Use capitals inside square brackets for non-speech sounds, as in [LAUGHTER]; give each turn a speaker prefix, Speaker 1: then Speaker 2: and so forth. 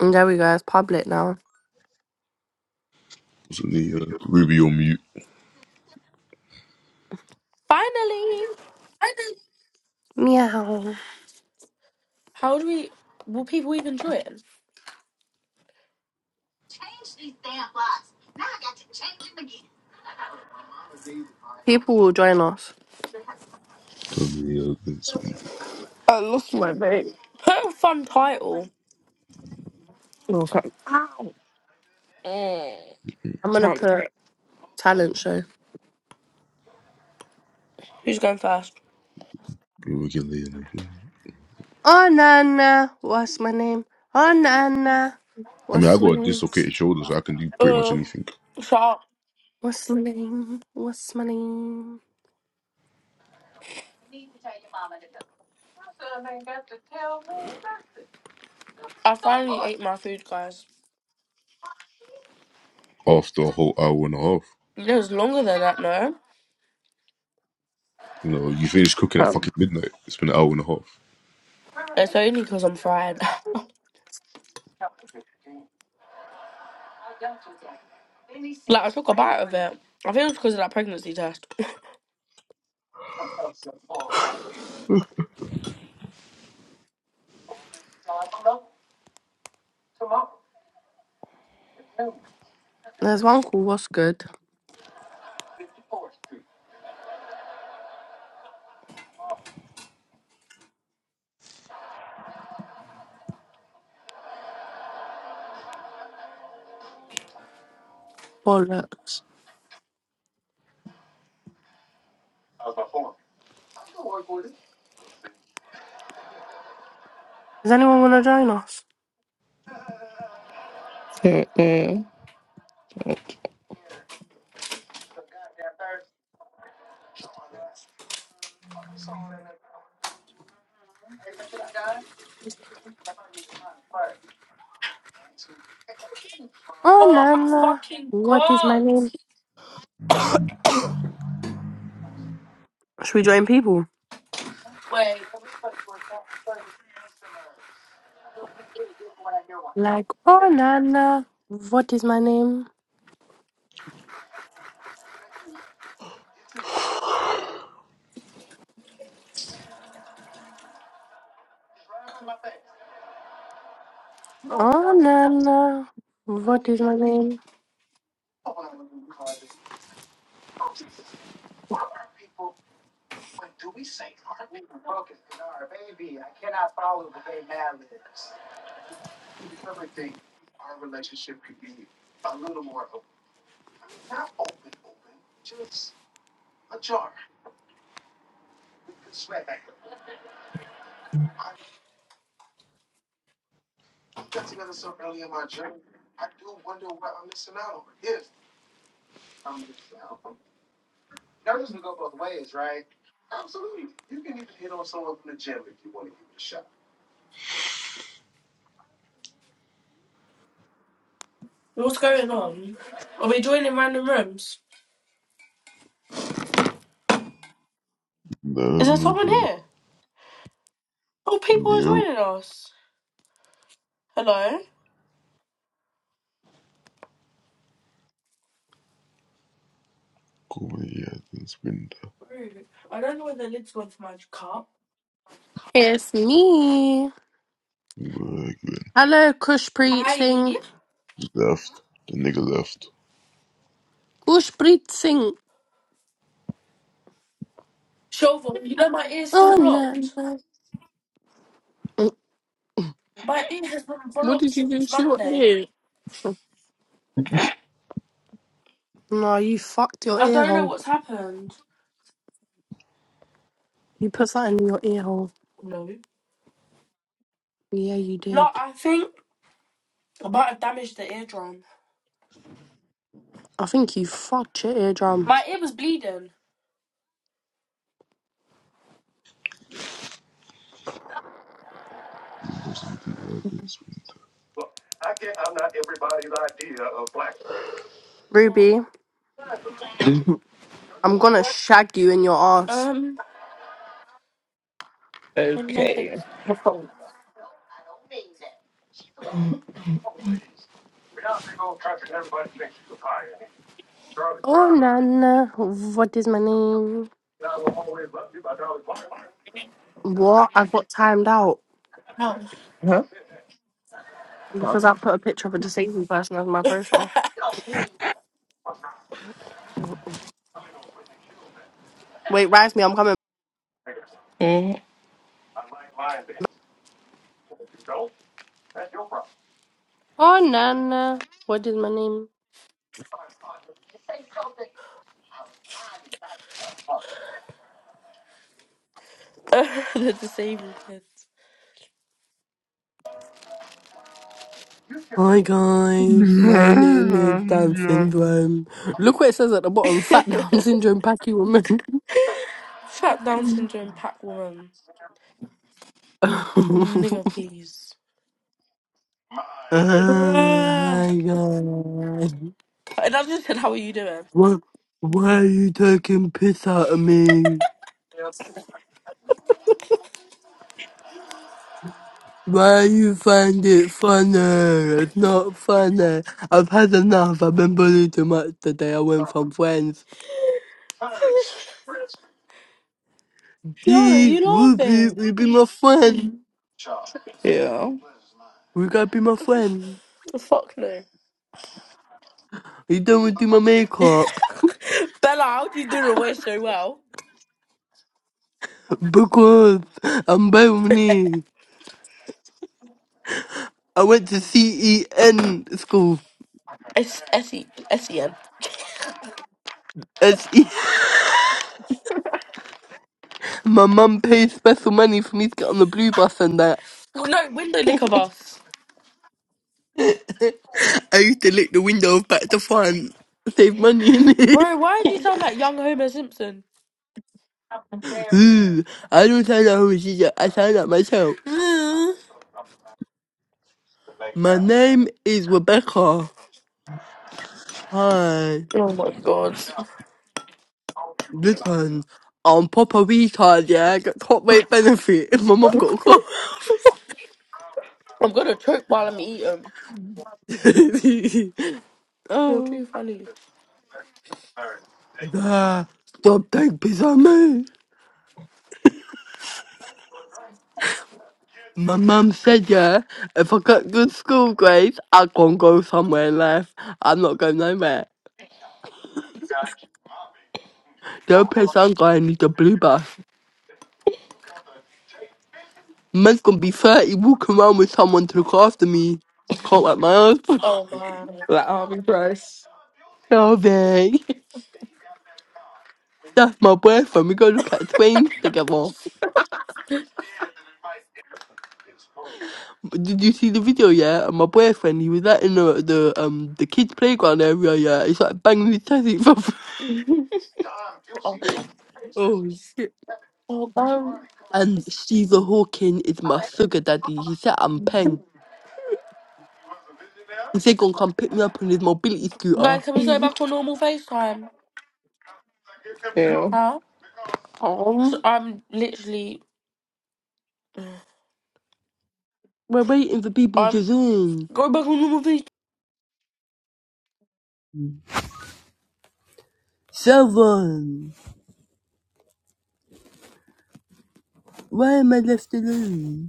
Speaker 1: And there we go. It's public now.
Speaker 2: So many other we be on mute.
Speaker 3: Finally!
Speaker 1: Meow.
Speaker 3: How do we. Will people even join?
Speaker 1: People will join us.
Speaker 2: So many other things.
Speaker 4: My baby
Speaker 3: Put a fun title.
Speaker 4: will come.
Speaker 1: I'm gonna
Speaker 4: come,
Speaker 1: put talent show.
Speaker 3: Who's going first?
Speaker 2: We can lay on it.
Speaker 1: Oh Nana, what's my name? Oh Nana,
Speaker 2: I mean, I
Speaker 1: what's
Speaker 2: got
Speaker 1: my
Speaker 2: a
Speaker 1: name?
Speaker 2: dislocated shoulder, so I can do pretty much
Speaker 3: Uh,
Speaker 2: anything
Speaker 3: Shark.
Speaker 1: What's my name? What's my name?
Speaker 3: I finally ate my food, guys.
Speaker 2: after a whole hour and a half.
Speaker 3: It was longer than that, no?
Speaker 2: You know, you finish cooking at
Speaker 4: come.
Speaker 2: fucking midnight. It's been an hour and a half.
Speaker 3: It's only because I'm fried. [LAUGHS] like, I took a bite of it. I think it was because of that pregnancy test. [LAUGHS]
Speaker 1: There's one called What's Good. Bollocks. Does anyone wanna join us?
Speaker 4: Mm-mm.
Speaker 1: Oh
Speaker 3: Oh my
Speaker 1: Nana,
Speaker 3: fucking
Speaker 1: what is my
Speaker 3: god!
Speaker 1: name? Should we join people?
Speaker 3: Wait,
Speaker 1: Like Oh Nana, what is my name?
Speaker 2: [SIGHS]
Speaker 1: Oh Nana, what is my name?
Speaker 3: what's going on? Are we joining random rooms?
Speaker 2: Nah,
Speaker 3: Is there
Speaker 2: no
Speaker 3: someone
Speaker 2: clue.
Speaker 3: here? Oh, people are
Speaker 2: Yo,
Speaker 3: joining us. Hello?
Speaker 2: come on, yeah, it's been
Speaker 3: Rude. I don't know where the lid's gone for my cup.
Speaker 1: It's me.
Speaker 2: like man.
Speaker 1: Hello, Kushpreet
Speaker 3: Hi.
Speaker 1: Singh.
Speaker 2: Left. The nigga left.
Speaker 1: Kushpreet Singh.
Speaker 3: Shelvin, you know my ear's still
Speaker 1: Oh no.
Speaker 3: blocked.
Speaker 1: no. Mm,
Speaker 3: My ear has been
Speaker 1: What
Speaker 3: blocked
Speaker 1: did you do
Speaker 3: since
Speaker 1: to your
Speaker 3: Monday.
Speaker 1: ear? No, you fucked your
Speaker 3: I
Speaker 1: ear
Speaker 3: don't know
Speaker 1: hole.
Speaker 3: what's happened.
Speaker 1: You put something in your ear hole.
Speaker 3: No.
Speaker 1: Yeah, you
Speaker 3: Like
Speaker 1: did.
Speaker 3: I think I might have damaged the eardrum.
Speaker 1: I think you fucked your eardrum.
Speaker 3: My ear was bleeding.
Speaker 2: Windows in the yard, it's
Speaker 3: What?
Speaker 1: Ruby, I'm gonna shag you in your ass.
Speaker 3: Um, and no
Speaker 4: Okay.
Speaker 3: thanks.
Speaker 4: Huh?
Speaker 1: Oh Nana, what is my name? What? I got timed out
Speaker 3: No.
Speaker 4: Come.
Speaker 1: because I put a picture of a disabled person as my
Speaker 3: [LAUGHS]
Speaker 1: profile. Wait, rise me, I'm coming.
Speaker 4: Mm.
Speaker 1: Oh Nana, what is my name?
Speaker 3: Uh, the disabled kids.
Speaker 1: Hi guys, my name is Down
Speaker 2: been- [LAUGHS]
Speaker 1: Syndrome. Look what it says at the bottom: Fat Down
Speaker 3: [LAUGHS]
Speaker 1: Syndrome Packy Woman. [LAUGHS]
Speaker 3: Fat Down syndrome pack woman.
Speaker 1: uh,
Speaker 3: Nigga, please. [SIGHS] Ah.
Speaker 1: hi guys,
Speaker 3: And I just said, how are you doing?
Speaker 1: what? Why are you taking piss out of me? Why you find it funny? It's not funny. I've had enough. I've been bullied too much today. I went from friends.
Speaker 3: [LAUGHS] Tiana,
Speaker 1: He
Speaker 3: you
Speaker 1: will be,
Speaker 3: laughing?
Speaker 1: be my friend.
Speaker 4: Yeah.
Speaker 1: You gotta be my friend.
Speaker 3: [LAUGHS] Fuck no.
Speaker 1: You done with do my makeup.
Speaker 3: [LAUGHS] Bella, how do you do the way so well?
Speaker 1: Because I'm Bayonet. I went to CEN school.
Speaker 3: S S E S E N.
Speaker 1: SE. My mum pays special money for me to get on the blue bus and that.
Speaker 3: Well, no, window liquor bus.
Speaker 1: [LAUGHS] I used to lick the window of back to front. Save money in it.
Speaker 3: Bro, why do you sound like young Homer Simpson?
Speaker 1: [LAUGHS] Ooh, I don't sound like who she is. I sound like myself.
Speaker 3: [SIGHS] Mm.
Speaker 1: My name is Rebecca. Hi.
Speaker 3: oh my god.
Speaker 1: Listen, I'm proper retard, yeah. I got top rate benefit. [LAUGHS] My mum got a car.
Speaker 3: [LAUGHS] I'm gonna choke while I'm eating.
Speaker 1: [LAUGHS]
Speaker 3: You're
Speaker 1: oh.
Speaker 3: too funny.
Speaker 1: Nah, stop taking piss on me. My mum said, yeah, if I got good school grades, I can go somewhere in life. I'm not going nowhere. The only place I'm going is the blue bus. Man's gonna be 30 walking around with someone to look after me. Can't let my ass. [LAUGHS]
Speaker 3: Oh man.
Speaker 4: Like all be price.
Speaker 1: Oh, babe. That's my boyfriend. We go look at twins together. Did you see the video? Yeah, and my boyfriend he was like in the the um the kids playground area. Yeah, he's like banging his chest. [LAUGHS]
Speaker 3: Oh,
Speaker 1: Oh shit.
Speaker 3: oh um,
Speaker 1: and Stephen Hawking is my sugar daddy. He said I'm peng. He said gonna come pick me up on his mobility scooter.
Speaker 3: guys, can we go back on normal FaceTime?
Speaker 4: Yeah.
Speaker 3: Huh? So
Speaker 1: Oh,
Speaker 3: I'm literally.
Speaker 1: we're waiting for
Speaker 3: [SIGHS]
Speaker 1: people to
Speaker 3: I'm
Speaker 1: join.
Speaker 3: go back on normal FaceTime.
Speaker 1: Seven. Why am I left alone?